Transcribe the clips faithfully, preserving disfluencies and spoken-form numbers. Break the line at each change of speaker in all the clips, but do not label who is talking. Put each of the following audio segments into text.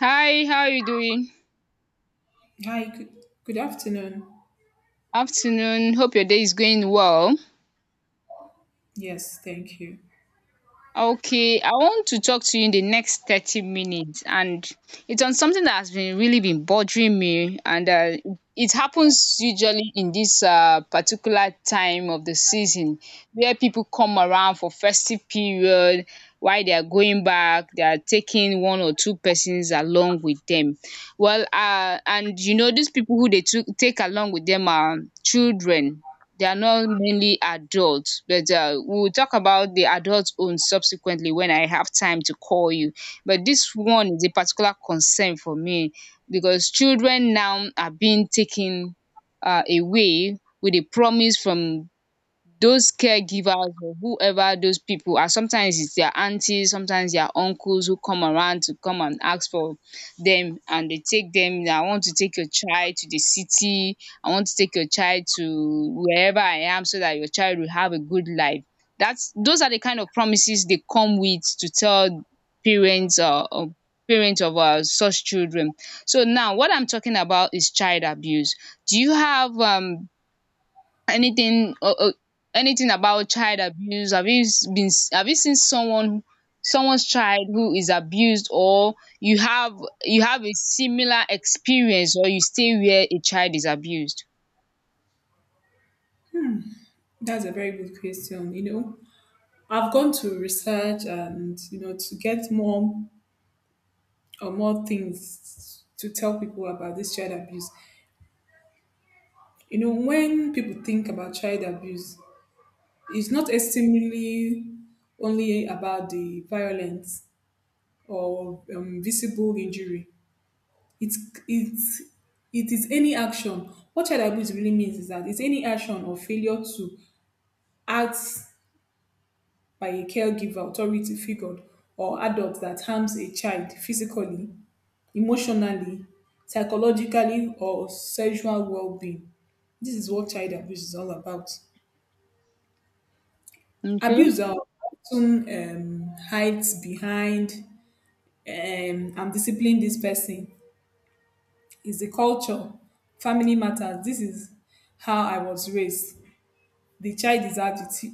Hi, how are you doing?
Hi, good, good afternoon.
Afternoon. Hope your day is going well.
Yes, thank you.
Okay, I want to talk to you in the next thirty minutes, and it's on something that has been really been bothering me, and uh, it happens usually in this uh, particular time of the season where people come around for festive period. While they are going back, they are taking one or two persons along with them. Well, uh, and you know these people who they took, take along with them are children, they are not mainly adults, but uh, we'll talk about the adult own subsequently when I have time to call you. But this one is a particular concern for me because children now are being taken uh, away with a promise from those caregivers or whoever those people are. Sometimes it's their aunties, sometimes their uncles, who come around to come and ask for them and they take them. I want to take your child to the city, I want to take your child to wherever I am so that your child will have a good life. That's Those are the kind of promises they come with to tell parents, uh, or parents of uh, such children. So now what I'm talking about is child abuse. Do you have um anything, or or anything about child abuse? Have you s- been s- have you seen someone, someone's child who is abused? Or you have, you have a similar experience, or you stay where a child is abused?
That's a very good question. You know, I've gone to research and, you know, to get more or more things to tell people about this child abuse. You know, when people think about child abuse, it's not extremely only about the violence or um, visible injury. It's it's it is any action. What child abuse really means is that it's any action or failure to act by a caregiver, authority figure, or adult that harms a child physically, emotionally, psychologically, or sexual well being. This is what child abuse is all about.
Okay.
Abuse are often um, hides behind um, I'm disciplining this person. Is the culture, family matters. This is how I was raised. The child is out. Do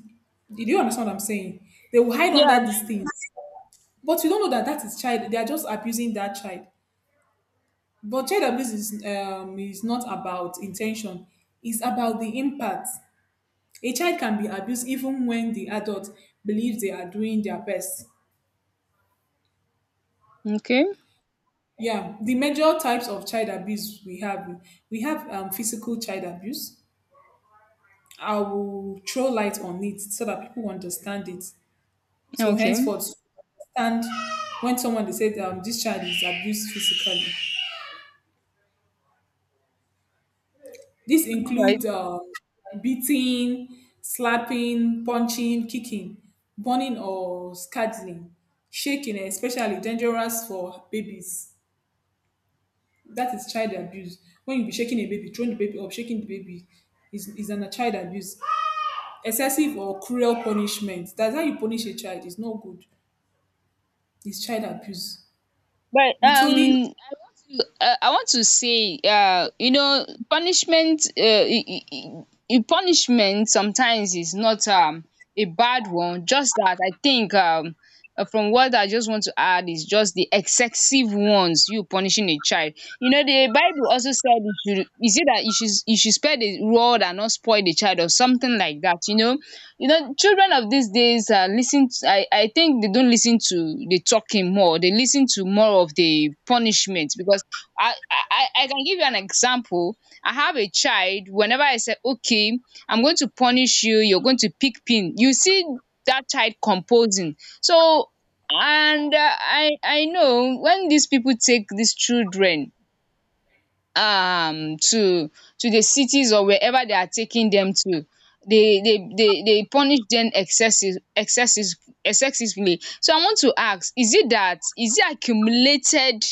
you understand what I'm saying? They will hide
Yeah.
under these things, but you don't know that that is child. They are just abusing that child. But child abuse is um, is not about intention; it's about the impact. A child can be abused even when the adult believes they are doing their best.
Okay.
Yeah, the major types of child abuse we have we have um, physical child abuse. I will throw light on it so that people understand it. So
Okay.
henceforth, understand when someone they said um, this child is abused physically. This
All right.
includes um, beating, slapping, punching, kicking, burning or scuttling, shaking, especially dangerous for babies. That is child abuse. When you be shaking a baby, throwing the baby up, shaking the baby is, is an, a child abuse. Excessive or cruel punishment. That's how you punish a child. It's not good. It's child abuse.
but
Withholding.
um uh, I want to say, uh, you know, punishment, uh, i- i- i- i- punishment sometimes is not um, a bad one. Just that I think, um, uh, from what I just want to add, is just the excessive ones you punishing a child. You know, the Bible also said you should, is it that you should you should spare the rod and not spoil the child or something like that. You know, you know, children of these days uh, listen. To, I I think they don't listen to the talking more. They listen to more of the punishment because I, I, I can give you an example. I have a child, whenever I say, okay, I'm going to punish you, you're going to pick pin, you see that child composing. So, and uh, I, I know when these people take these children um to to the cities or wherever they are taking them to, they they they, they punish them excessive excessive excessively so I want to ask, is it that, is it accumulated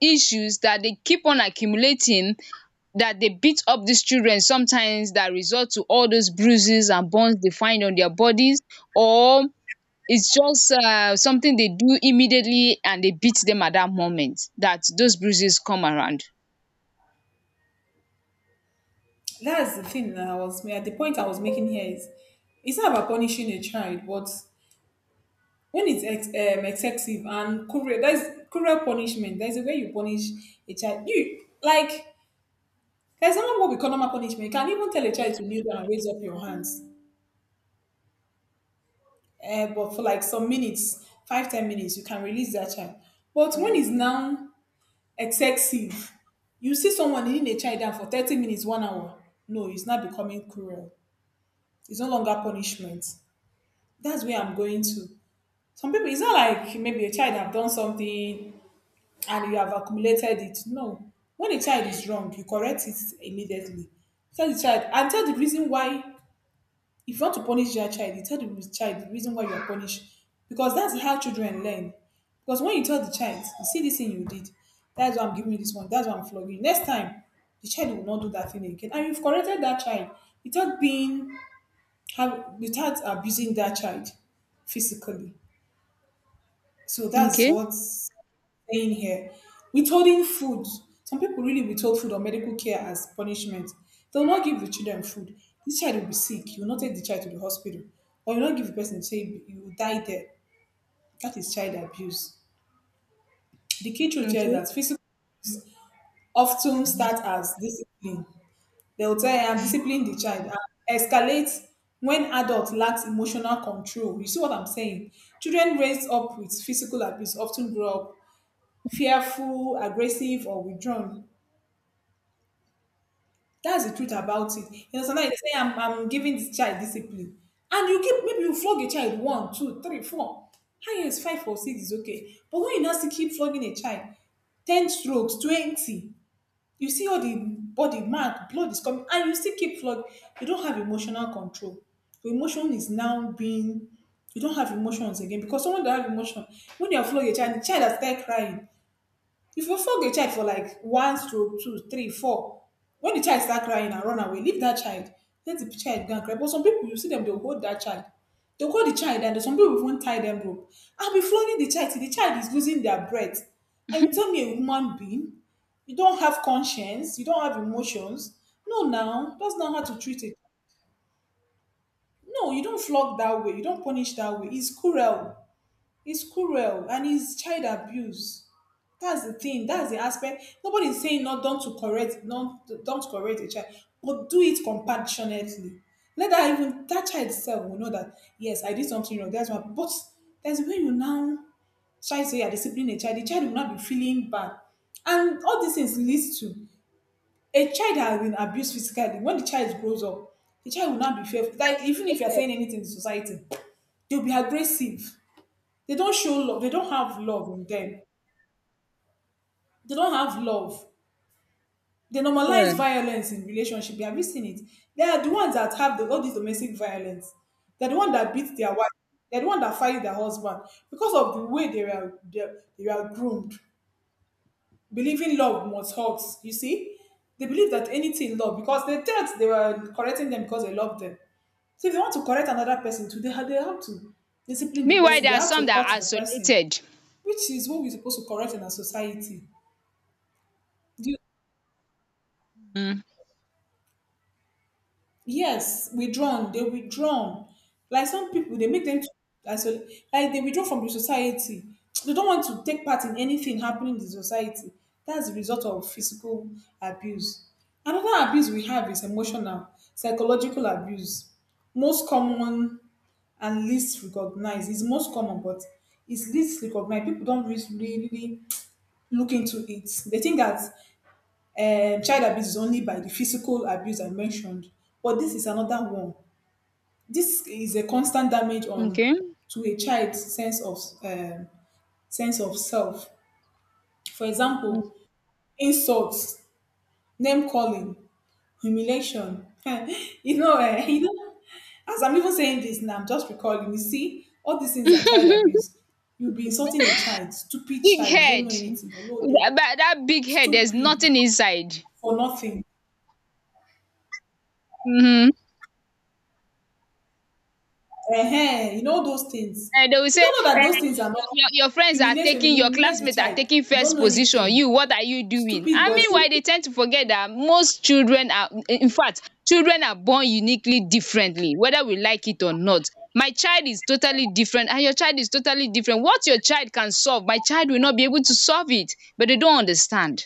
issues that they keep on accumulating that they beat up these children sometimes that result to all those bruises and burns they find on their bodies, or it's just um something they do immediately and they beat them at that moment that those bruises come around?
That's the thing that I was at the point I was making here, is it's not about punishing a child, but when it's ex- um, excessive and cruel. There's cruel punishment, there's a way you punish a child you like. There's another what we call normal punishment. You can even tell a child to kneel down and raise up your hands, uh, but for like some minutes, five ten minutes, you can release that child. But when it's now excessive, you see someone kneeling a child down for thirty minutes, one hour. No, it's not becoming cruel, it's no longer punishment. That's where I'm going to. Some people, it's not like maybe a child have done something and you have accumulated it. No. When a child is wrong, you correct it immediately. Tell the child and tell the reason why. If you want to punish your child, you tell the child the reason why you're punished. Because that's how children learn. Because when you tell the child, you see this thing you did, that's why I'm giving you this one, that's why I'm flogging you. Next time, the child will not do that thing again. And you've corrected that child without being have without abusing that child physically. So that's
Okay.
what saying here. Withholding food. Some people really withhold food or medical care as punishment. They'll not give the children food. This child will be sick. You will not take the child to the hospital. Or you will not give the person, say, you will die there. That is child abuse. The key truth here is
Okay.
that physical often start as discipline. They'll tell you, I'm disciplining the child. And escalate when adult lacks emotional control. You see what I'm saying? Children raised up with physical abuse often grow up fearful, aggressive, or withdrawn. That's the truth about it. You know, sometimes they say, I'm, I'm giving this child discipline. And you keep, maybe you flog a child one, two, three, four. Highest five or six is okay. But when you now see keep flogging a child, ten strokes, twenty, you see all the body mark, blood is coming, and you still keep flogging. You don't have emotional control. Your emotion is now being, you don't have emotions again because someone that have emotion, when you are flogging a child, the child has started crying. If you flog a child for like one stroke, two three four, when the child start crying and run away, leave that child. Let the child go and cry. But some people, you see them, they will hold that child. They will hold the child, and some people even tie them rope, will be flogging the child till the child is losing their breath. And you tell me, a human being, you don't have conscience, you don't have emotions. No, now that's not how to treat it. No, you don't flog that way. You don't punish that way. It's cruel. It's cruel, and it's child abuse. That's the thing. That's the aspect. Nobody's saying not don't to correct, not don't correct a child, but do it compassionately. Let that, even that child itself, will know that yes, I did something wrong. That's why. But there's when you now try to say you're disciplining a child, the child will not be feeling bad, and all these things leads to a child that has been abused physically. When the child grows up, the child will not be fearful.
They are
Like even if you're
isolated.
saying anything to society, they'll be aggressive. They don't show love. They don't have love in them. They don't have love. They
Yeah.
normalize violence in relationship. Have you seen it? They are the ones that have the, all this domestic violence. They're the one that beat their wife. They're the one that fight their husband because of the way they were they, they were groomed, believing love must hurt. You see, they believe that anything love because they thought they were correcting them because they love them. So if they want to correct another person too, they have, they have to discipline the
Meanwhile
person.
there
They
are
have to
some that are
hurt the person,
isolated.
which is what we're supposed to correct in our society. Do
um
Yes, withdrawn. They withdrawn. Like some people, they make them to- as well, like they withdraw from the society. They don't want to take part in anything happening in the society. That's the result of physical abuse. Another abuse we have is emotional, psychological abuse. Most common and least recognized. It's most common, but it's least recognized. People don't really, really look into it. They think that um child abuse is only by the physical abuse I mentioned, but this is another one. This is a constant damage on
okay.
to a child's sense of um, sense of self. For example, insults, name calling, humiliation. you know, eh, you know, as I'm even saying this now, I'm just recalling. You see, all these things are child abuse. You'll be insulting a child, stupid
Big
child, don't know
head.
anything, although
That that that big head, there's
stupid
nothing inside.
for nothing.
Hmm.
um you know those things.
Um they will
You
say,
don't know that
um
those things
your
are not.
your your your friends are
Humiliation: you
taking, your
humiliate the
classmates are
child,
taking
you don't
first
know
position,
anything,
you, what are you doing?
stupid
And
boys.
meanwhile they tend to forget that most children are, in fact children are born uniquely differently, whether we like it or not. My child is totally different and your child is totally different. What your child can solve, my child will not be able to solve it, but they don't understand.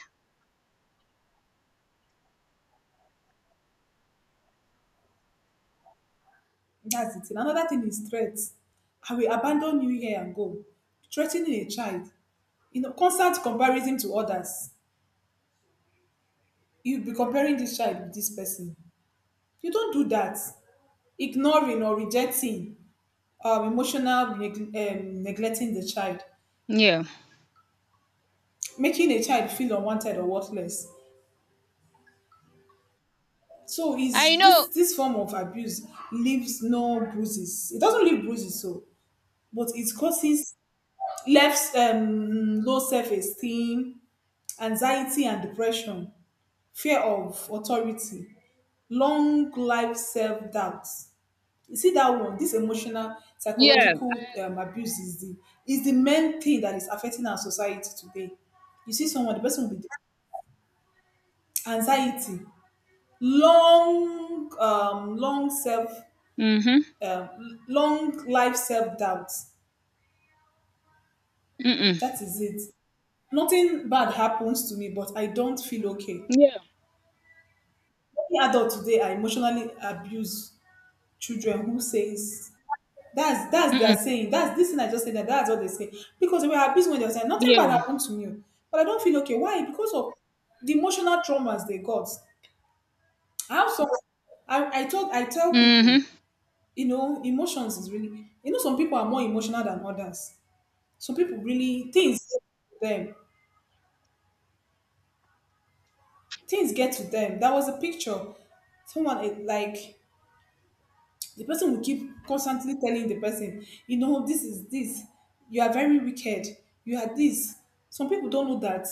That's the thing. Another thing is threat. I will abandon you here and go. Threatening a child, you know, constant comparison to others. You be comparing this child with this person. You don't do that. Ignoring or rejecting, um, emotional neg- um, neglecting the child,
Yeah.
making a child feel unwanted or worthless. So
I
is this
know.
this form of abuse, leaves no bruises. It doesn't leave bruises, so but it causes left um, low self esteem, anxiety and depression, fear of authority, long life self doubt. You see that one. This emotional
Yeah.
psychological um, abuse is the is the main thing that is affecting our society today. You see someone, the person will be anxiety, long um, long self
Mhm.
um, long life self doubt. That
Mm.
is it. Nothing bad happens to me, but I don't feel okay.
Yeah.
Any adult today, I emotionally abuse children who says that's that's their
Mm.
saying. That's this thing I just said. That that's what they say because they were abused when they were saying nothing bad
Yeah.
happened to me, but I don't feel okay. Why? Because of the emotional traumas they got. I have some. I I told I tell people,
Mhm.
you know, emotions is really, you know some people are more emotional than others. Some people really, things them things get to them. That was a picture. Someone, eh, like, the person will keep constantly telling the person, you know, this is this. You are very wicked. You are this. Some people don't know that.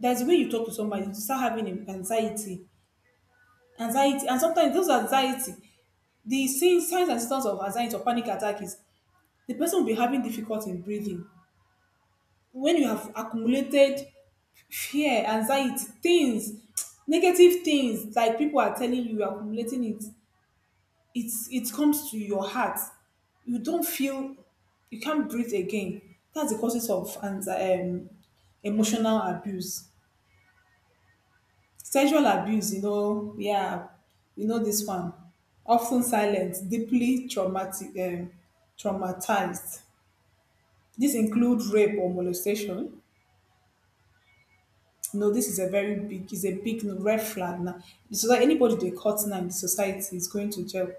That's the way you talk to somebody. You start having an- anxiety, anxiety, and sometimes those anxiety, the signs signs and symptoms of anxiety or panic attack is the person will be having difficulty in breathing. When you have accumulated fear, anxiety, things, negative things like people are telling you, you're accumulating it. it it comes to your heart. You don't feel, you can't breathe again. That's the causes of. And um, emotional abuse, sexual abuse, you know yeah. You know this one, often silent, deeply traumatic, um, traumatized. This include rape or molestation. You know, this is a very big is a big red flag now. So that anybody they cut now in the society is going to jail.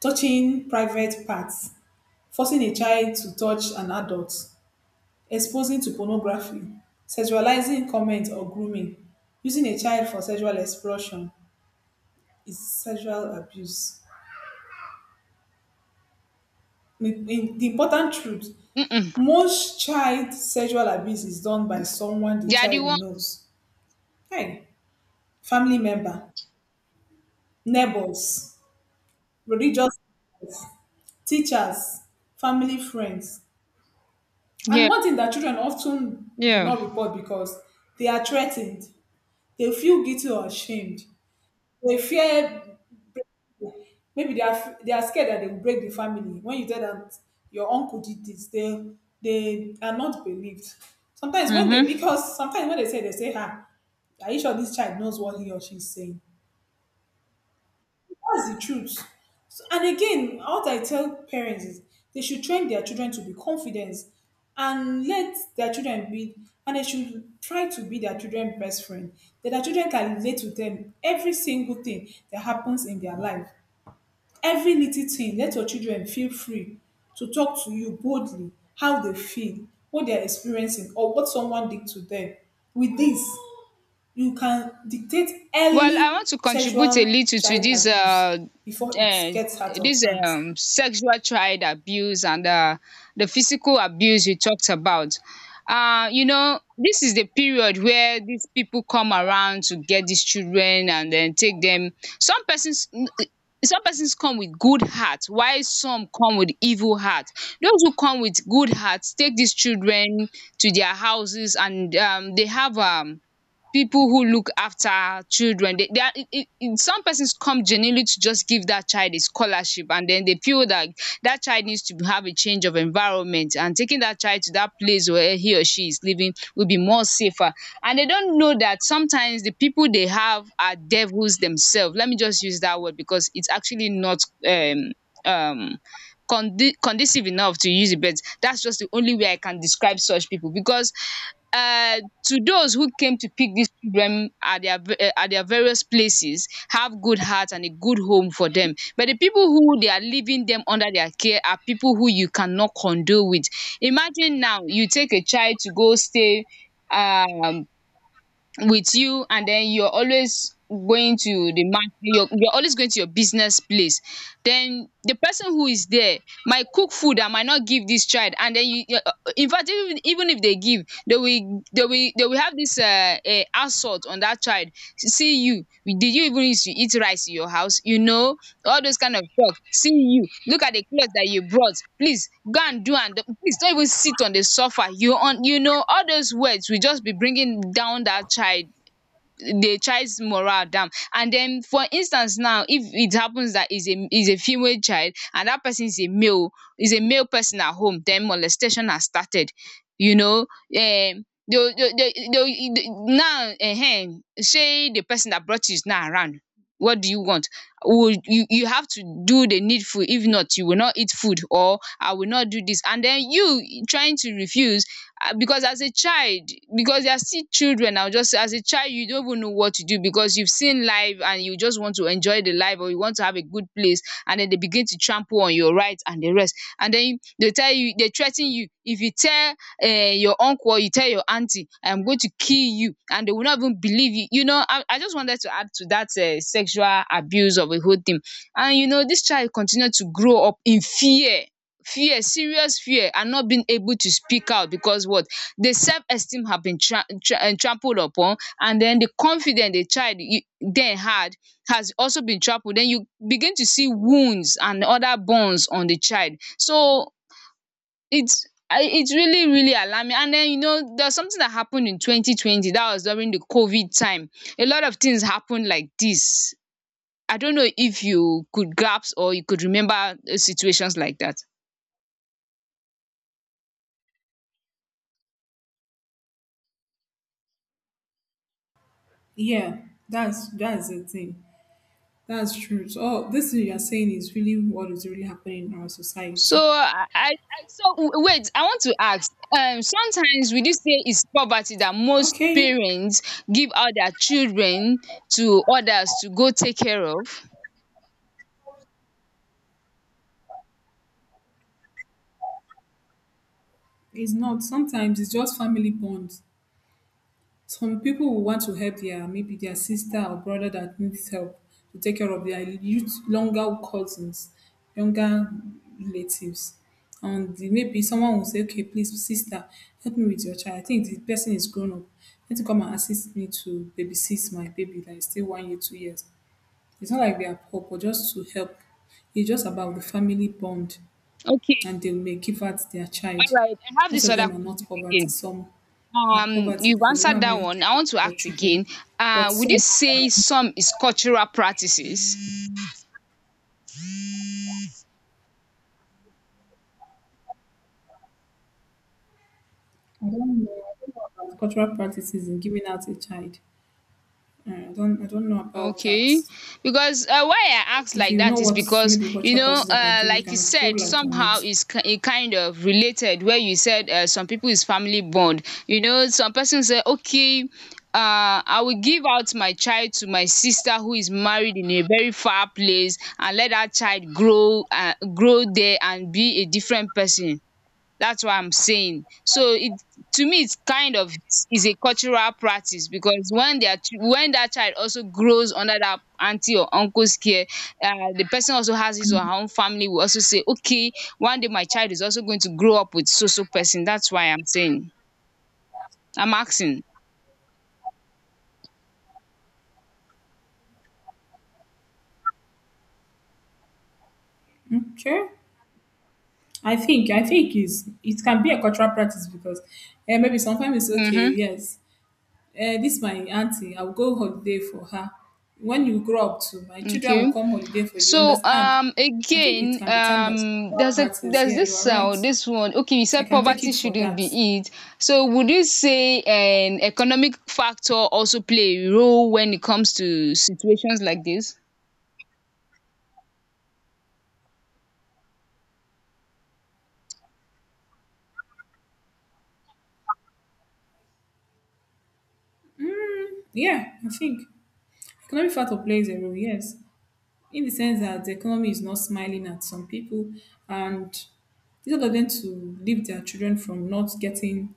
Touching private parts, forcing a child to touch an adult, exposing to pornography, sexualizing comment or grooming, using a child for sexual explosion is sexual abuse. In- in- The important truth,
Mm.
most child sexual abuse is done by someone the
They are the
child
one.
knows. Hey, family member, neighbors, religious leaders, teachers, family friends. And
Yeah.
one thing that children often do
Yeah.
not report because they are threatened, they feel guilty or ashamed. They fear maybe they are f- they are scared that they will break the family. When you tell them your uncle did this, they they are not believed. Sometimes when they
Mhm.
because sometimes when they say they say, "Ah, are you sure this child knows what he or she is saying?" That's the truth. So- And again, what I tell parents is they should train their children to be confident and let their children be, and they should try to be their children's best friend. That their children can relate to them every single thing that happens in their life. Every little thing, let your children feel free to talk to you boldly how they feel, what they're experiencing, or what someone did to them. With this, you can dictate
Well, I want
early
to contribute a
sexual
little to
child
this,
abuse
uh,
before it
um
gets out of
dis
hand.
um sexual child abuse and um the physical abuse you talked about. Uh, you know, this is the period where these people come around to get these children and then take them. Some persons, mm, some persons come with good heart while some come with evil heart. Those who come with good hearts take these children to their houses and um they have um people who look after children. They, they are it, it, it- Some persons come genuinely to just give that child a scholarship and then they feel that that child needs to have a change of environment, and taking that child to that place where he or she is living will be more safer. And they don't know that sometimes the people they have are devils themselves. Let me just use that word because it's actually not um um condi- conducive enough to use it, but that's just the only way I can describe such people. Because uh, to those who came to pick these children at their v- uh, at their various places have good heart and a good home for them, but the people who they are leaving them under their care are people who you cannot condole with. Imagine now you take a child to go stay um with you, and then you're always going to the market, you're, you're always going to your business place. Then the person who is there might cook food that might not give this child, and then you you- uh, in fact, even, even if they give, they will they will they will have this uh, uh assault on that child. See you, did you even used to eat rice in your house? You know, all those kind of shock. See you, look at the cloth that you brought. Please go and do, and please don't even sit on the sofa. You on, you know, all those words will just be bringing down that child. Dey child's morale down. And then for instance now, if it happens that is a is a female child and that person is a male, is a male person at home, then molestation has started. You know, um they'll they'll they they now um say the person that brought you is not around, what do you want? Would you You have to do the needful, if not you will not eat food, or I will not do this. And then you trying to refuse. Ah, because as a child, because they are still children, I'll just say as a child you don't even know what to do, because you've seen life and you just want to enjoy the life, or you want to have a good place. And then they begin to trample on your rights and the rest. And then they tell you, they threaten you. If you tell um your uncle or you tell your auntie, I'm going to kill you, and they will not even believe you. You know, I, I just wanted to add to that um sexual abuse of a whole thing. And you know, this child continued to grow up in fear, fear serious fear, and not being able to speak out because what, the self-esteem have been tra- tra- eh, trampled upon, and then the confidence the child you, then had has also been trampled. Then you begin to see wounds and other burns on the child. So it's, I- it's really, really alarming. And then you know there's something that happened in twenty twenty that was during the COVID time. A lot of things happened like this. I don't know if you could grasp or you could remember uh, situations like that.
Yeah, that's that's the thing. That's true. So all this thing you are saying is really what is really happening in our
So
society.
I I I- so w- wait, I want to ask, um sometimes will you say it's poverty that most
Okay,
parents give out their children to others to go take care of?
it's not. Sometimes it's just family bonds. Some people will want to help their maybe their sister or brother that needs help to take care of their youth, younger cousins, younger relatives. And the- maybe someone will say, okay, please, sister, help me with your child. I think the person is grown up. Let you come and assist me to babysit my baby that is still one year, two years. It's not like they are poor, but just to help. It's just about the family bond,
Okay.
and they may give out their child.
alright I have
Most
this
of
other
them are not
question
poverty.
again.
Some are
Um
poverty
you've
because they don't
answered
have
that
money to
one.
take
I
care
want to
of their
ask
children.
again,
But
um would you
some,
say some is cultural practices?
I don't know, I don't know about cultural practices in giving out a child. Uh, I don't, I don't know about that.
Okay, because uh, why I ask
If
like
you know
that is
what
because,
maybe
you
cultural
know,
practices about
uh,
giving, you
like you
can throw
said,
light on
somehow
it.
is it kind of related. Where you said uh, some people is family bond. You know, some person say, okay, uh, I will give out my child to my sister who is married in a very far place, and let that child grow, uh, grow there and be a different person. That's what I'm saying. So it, to me it's kind of, is a cultural practice, because when their chi- when that child also grows under that auntie or uncle's care, um the person also has his or her own family will also say, okay, one day my child is also going to grow up with so so person. That's why I'm saying. I'm asking.
Okay. I think I think is it can be a cultural practice because eh, maybe sometimes it's okay,
Mhm.
yes. Eh, this my auntie. I will go holiday for her. When you grow up too, my children will
Okay.
come holiday for you.
So
Understand?
um
I think it
again,
can be time that
um
cultural
there's a,
practice.
there's
Yeah, you are
this
right.
uh, this one, okay, you
I
said
can take
poverty
it for
shouldn't
that.
be it, so would you say an economic factor also play a role when it comes to situations like this?
Yeah, I think economic factor plays a role. Yes, in the sense that the economy is not smiling at some people, and instead of them to leave their children from not getting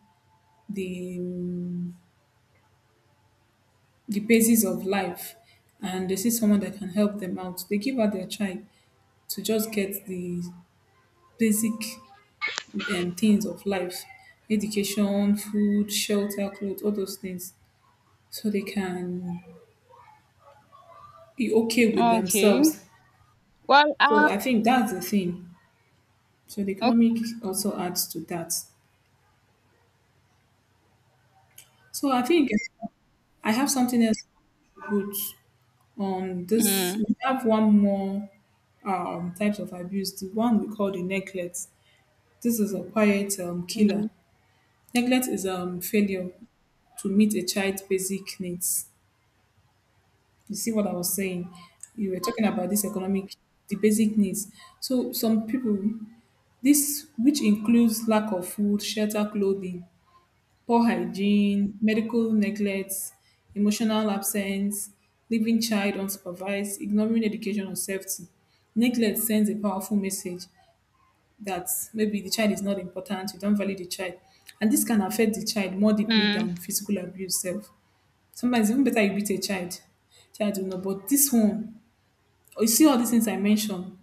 the um, the basis of life, and they see someone that can help them out, they give out their child to just get the basic um, things of life: education, food, shelter, clothes, all those things, so they can be okay with
Okay.
themselves.
Well
So
uh
I think that's the thing. So the
okay.
economic also adds to that. So I think I have something else to put on this.
Mm.
We have one more um, types of abuse. The one we call the neglect. This is a quiet um, killer.
Mm.
Neglect is um, failure to meet a child's basic needs. You see what I was saying. You were talking about this economic, the basic needs. So some people, this which includes lack of food, shelter, clothing, poor hygiene, medical neglect, emotional absence, leaving child unsupervised, ignoring education or safety. Neglect sends a powerful message that maybe the child is not important, you don't value the child. And this can affect the child more deeply
Mm.
than physical abuse itself. Sometimes even better, you beat a child, child will know. But this one, you see all these things I mentioned,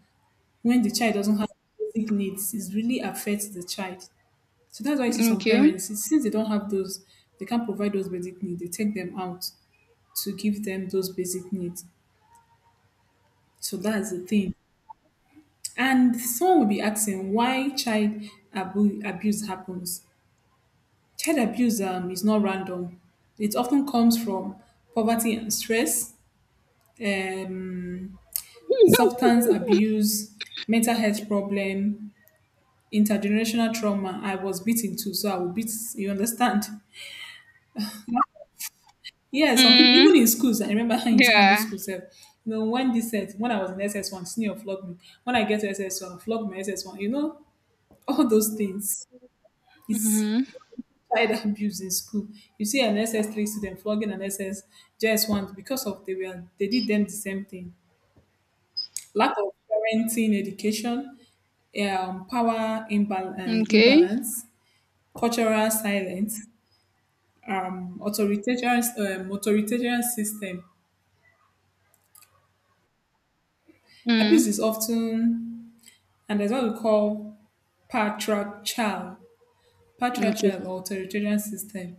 when the child doesn't have basic needs, it really affects the child. So that's why you see some
Okay.
parents, it's- since they don't have those, they can't provide those basic needs, they take them out to give them those basic needs. So that's the thing. And someone will be asking why child abu- abuse happens. Child abuse um, is not random. It often comes from poverty and stress, um, substance abuse, mental health problem, intergenerational trauma. I was beaten too, so I will beat. You understand? Yeah, some people
Mm.
even in schools. I remember in secondary
Yeah.
school self. You know, when this set, when I was in S S one, senior flogged me. When I get to S S one, flog my S S one. You know, all those things. It's
Mm-hmm.
child abuse in school. You see an S S three student flogging an S S just one because of they were they did them the same thing. Lack of parenting education, um, power imbal- uh,
Okay.
imbalance, cultural silence, um, authoritarian um, authoritarian system.
Mm.
Abuse is often, and that's what we call patriarchal,
Okay.
patriarchal or authoritarian system.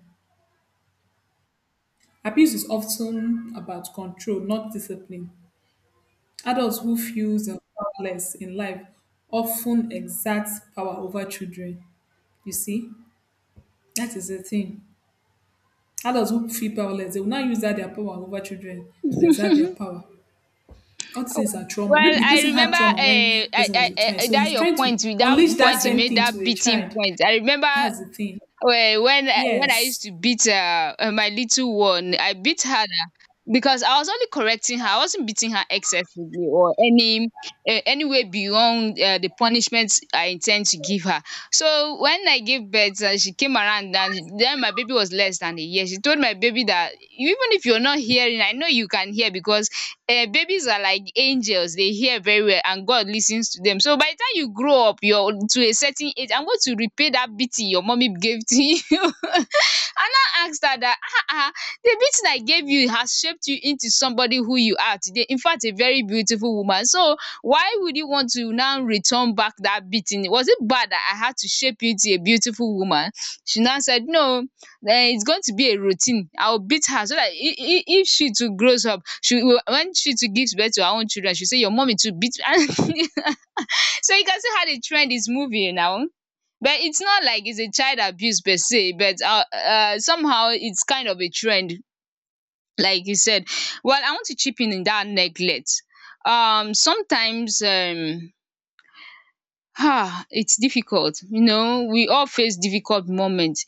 Abuse is often about control, not discipline. Adults who feel they're powerless in life often exert power over children. You see, that is the thing. Adults who feel powerless, they will not use that their power over children to exert their power. All these things are trauma.
Well,
Maybe the
I
person had
remember,
trauma
Uh,
when
I
person was
I
a
eh,
child,
eh,
so
that
he's
your
trying to
point, with
unleash
that
that
point you
same
made,
thing to
that
a
beating
child.
point. I remember
That's the thing.
eh, when I when I used
Yes.
to beat uh, eh, my little one, I beat her na because I was only correcting her. I wasn't beating her excessively or any eh, any way beyond uh, the punishment I intend to give her. So when I gave birth, uh, she came around and she- then my baby was less than a year. She told my baby that even if you're not hearing, I know you can hear because um babies are like angels. They hear very well, and God listens to them. So by the time you grow up, you're to a certain age, I'm going to repay that beating your mommy gave to you. Anna asked her that um the beating I gave you has shaped you into somebody who you are today. In fact, a very beautiful woman. So why would you want to now return back that beating? Was it bad that I had to shape you to a beautiful woman? She now said no. Um it's going to be a routine. I will beat her so that if if she too grows up, she will, when she too gives birth to her own children, she say your mommy too beat her. So you can see how the trend is moving now, but it's not like it's a child abuse per se, but um somehow it's kind of a trend, like you said. Well, I want to chip in in that neglect. Um sometimes um ah, it's difficult, you know, we all face difficult moments.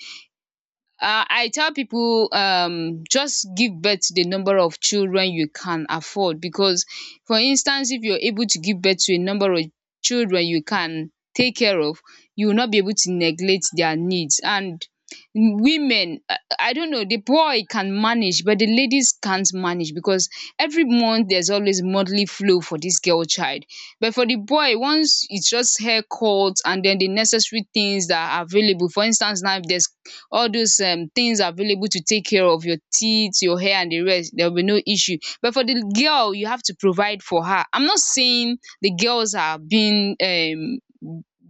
um I tell people, um just give birth to the number of children you can afford, because for instance, if you're able to give birth to a number of children you can take care of, you will not be able to neglect their needs. And women, i i don't know, the boy can manage, but the ladies can't manage because every month there's always monthly flow for this girl child. But for the boy, once it's just haircut and then the necessary things that are available, for instance now, if there's all those um things available to take care of your teeth, your hair and the rest, there will be no issue. But for the girl, you have to provide for her. I'm not saying the girls are being um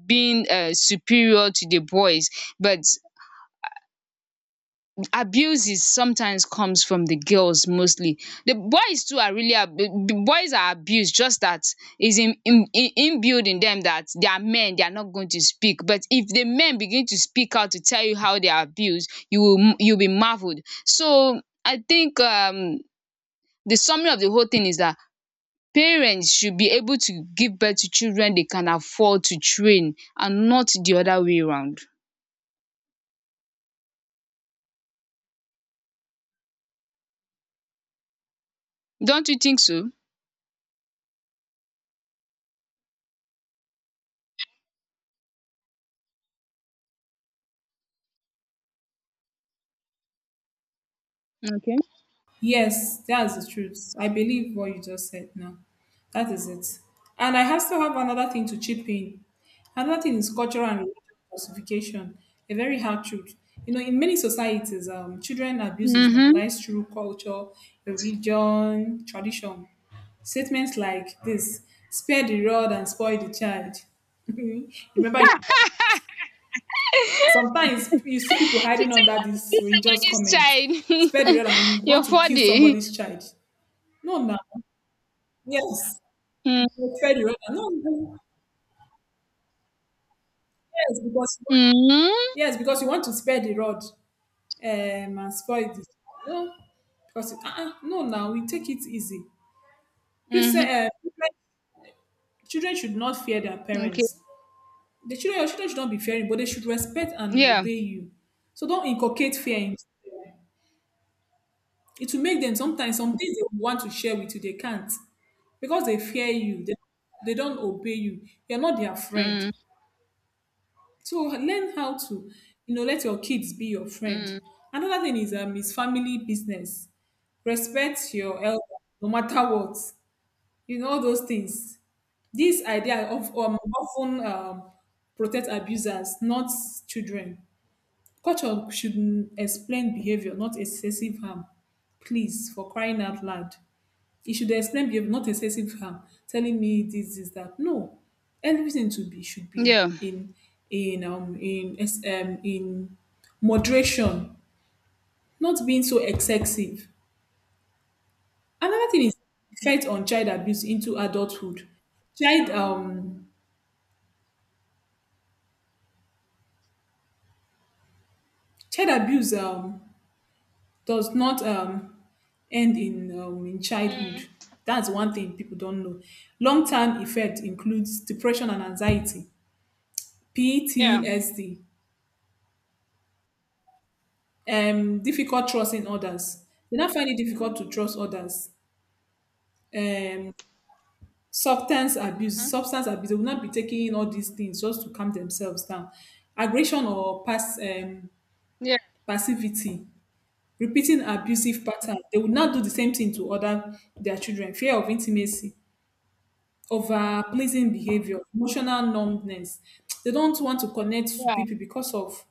being um superior to the boys, but abuses sometimes comes from the girls mostly. The boys too are really ab- the boys are abused, just that is in in in inbuilt in them that they are men, they are not going to speak. But if the men begin to speak out to tell you how they are abused, you will you'll be marveled. So I think um the summary of the whole thing is that parents should be able to give birth to children they can afford to train, and not the other way around. Don't you think so? Okay.
Yes, that's the truth. I believe what you just said now. That is it. And I have still have another thing to chip in. Another thing is cultural and religious justification, a very hard truth. You know, in many societies, um, children abuse is
Mm-hmm.
normalized through culture, religion, tradition. Statements like this, spare the rod and spoil the child. Remember, you, sometimes you see people
She
hiding
said
under
what to
this
do
religious comment,
somebody's
spare the
child.
rod and you want
You're
to kill
funny.
somebody's child. No, now. Yes.
Mm,
You spare the rod. No, no. Yes, because you want-
mhm,
yes, because you want to spare the rod, um, and spoil it. No, because uh, uh, no, now we take it easy. Christian,
mhm.
uh, children children should not fear their
Okay.
parents. The children, your children should not be fearing, but they should respect and
Yeah.
obey you. So don't inculcate fear. In. It will make them sometimes some things they want to share with you, they can't because they fear you. They, they don't obey you. You're not their friend.
Mm,
So learn how to, you know, let your kids be your friend.
mm,
Another thing is um is family business. Respect your elder no matter what. You know all those things. This idea of um, often um, protect abusers, not children. Culture should explain behavior, not excessive harm. Please, for crying out loud, e should explain behavior, not excessive harm, telling me this this that no, everything to be should be
yeah.
in in um in ex- um in moderation, not being so excessive. Another thing is effect on child abuse into adulthood. Child um child abuse um does not um end in um, in
Mm,
childhood. That's one thing people don't know. Long term effect includes depression and anxiety,
yeah.
P T S D, um difficult trusting others. They now find it difficult to trust others. Um, Substance abuse,
Mhm.
substance abuse. They will not be taking in all these things just to calm themselves down. Aggression or pass um,
Yeah.
passivity, repeating abusive pattern. They will not do the same thing to other their children. Fear of intimacy, over pleasing behavior, emotional numbness. They don't want to connect to
Yeah.
people because of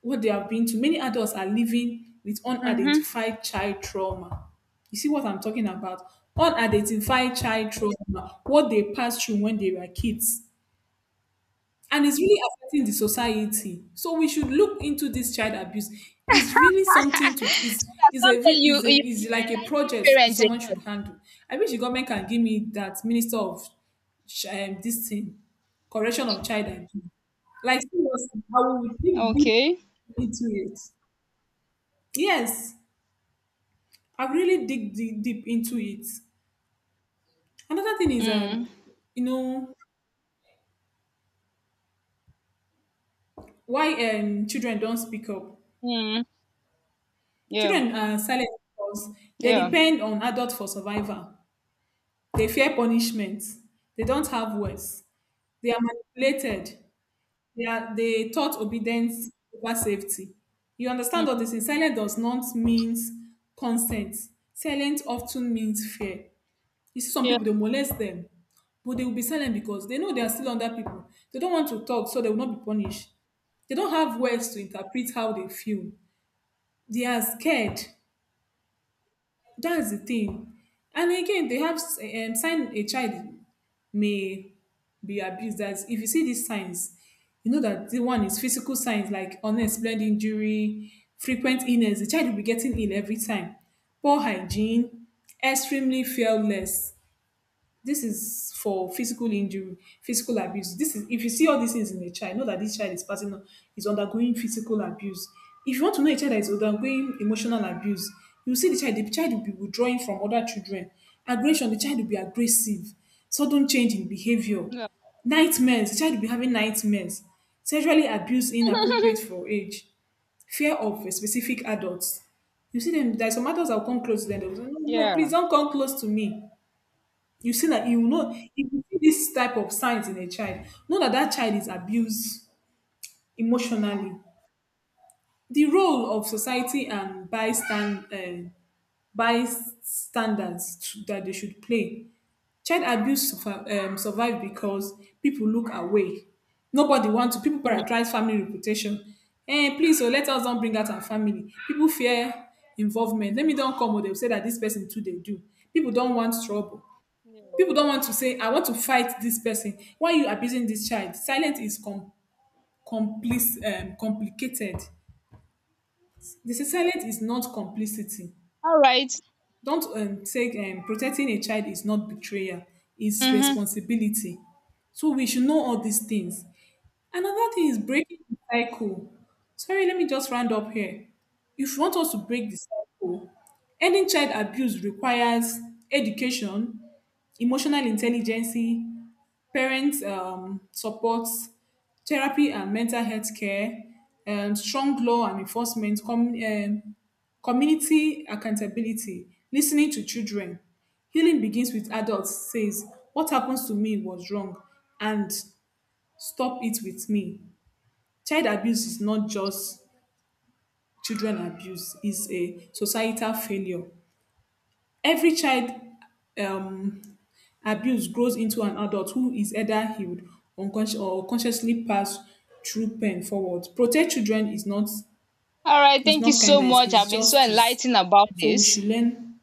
what they have been to. Many adults are living with
Mm-hmm.
unidentified child trauma. You see what I'm talking about? Unidentified child trauma, what they passed through when they were kids. And it's really affecting the society. So we should look into this child abuse. It's really something to is is a
Someday
re-
you,
is
you
a is
you
like a
enlighten
project
parents a
someone
lot.
should handle. I wish the government can give me that minister of ch- um, this thing, correction of child abuse. Like seriously, I will dig deep
Okay.
into it. Yes, I've really dig deep, deep into it. Another thing is, um,
Mm,
you know, why um children don't speak up.
mm, yeah.
Children are silent because they
Yeah.
depend on adults for survival. They fear punishment. They don't have words. They are manipulated. They are they taught obedience over safety. You understand
Mm,
all this? Silence does not mean consent. Silence often means fear. You see some
yeah.
people, they molest them, but they will be silent because they know they are still under people. They don't want to talk, so they will not be punished. They don't have words to interpret how they feel. They are scared. That's the thing. And again, they have um, sign a child may be abused. That if you see these signs, you know that the one is physical signs like unexplained injury, frequent illness. The child will be getting ill every time. Poor hygiene, extremely fearless. This is for physical injury, physical abuse. This is if you see all these things in a child, know that this child is passing on, is undergoing physical abuse. If you want to know a child that is undergoing emotional abuse, you see the child, the child will be withdrawing from other children. Aggression, the child will be aggressive, sudden change in behavior,
Yeah.
nightmares, the child will be having nightmares, sexually abuse inappropriate for age, fear of a specific adults. You see them, there are some adults that will come close to them. They will say, no, no,
Yeah.
please don't come close to me. You see that, you know, if you see this type of signs in a child, know that that child is abused emotionally. The role of society and bystand uh, bystanders to- that they should play. Child abuse survi- um, survive because people look away. Nobody want to. People
Mm,
prioritize family reputation. Eh, please, so let us don't bring out our family. People fear involvement. Let me don't come. oh, They will say that this person too. They do. People don't want trouble.
yeah.
People don't want to say, I want to fight this person. Why are you abusing this child? Silence is com- complice- um, complicated. They say silence is not complicity.
All right.
Don't um, say um, protecting a child is not betrayal, it's
Mm-hmm.
responsibility. So we should know all these things. Another thing is breaking the cycle. Sorry, let me just round up here. If you want us to break the cycle, ending child abuse requires education, emotional intelligence, parents um, support, therapy and mental health care, um, strong law and enforcement, com- um, community accountability, listening to children. Healing begins with adults, says, "What happens to me was wrong, and stop it with me." Child abuse is not just children abuse, it's a societal failure. Every child um, abuse grows into an adult who is either healed unconscious or consciously passed through pain forward. Protect children is not
All right.
is
Thank you
not
so
kindness,
much.
it's
I've been so
justice.
enlightened about
So we
this.
should learn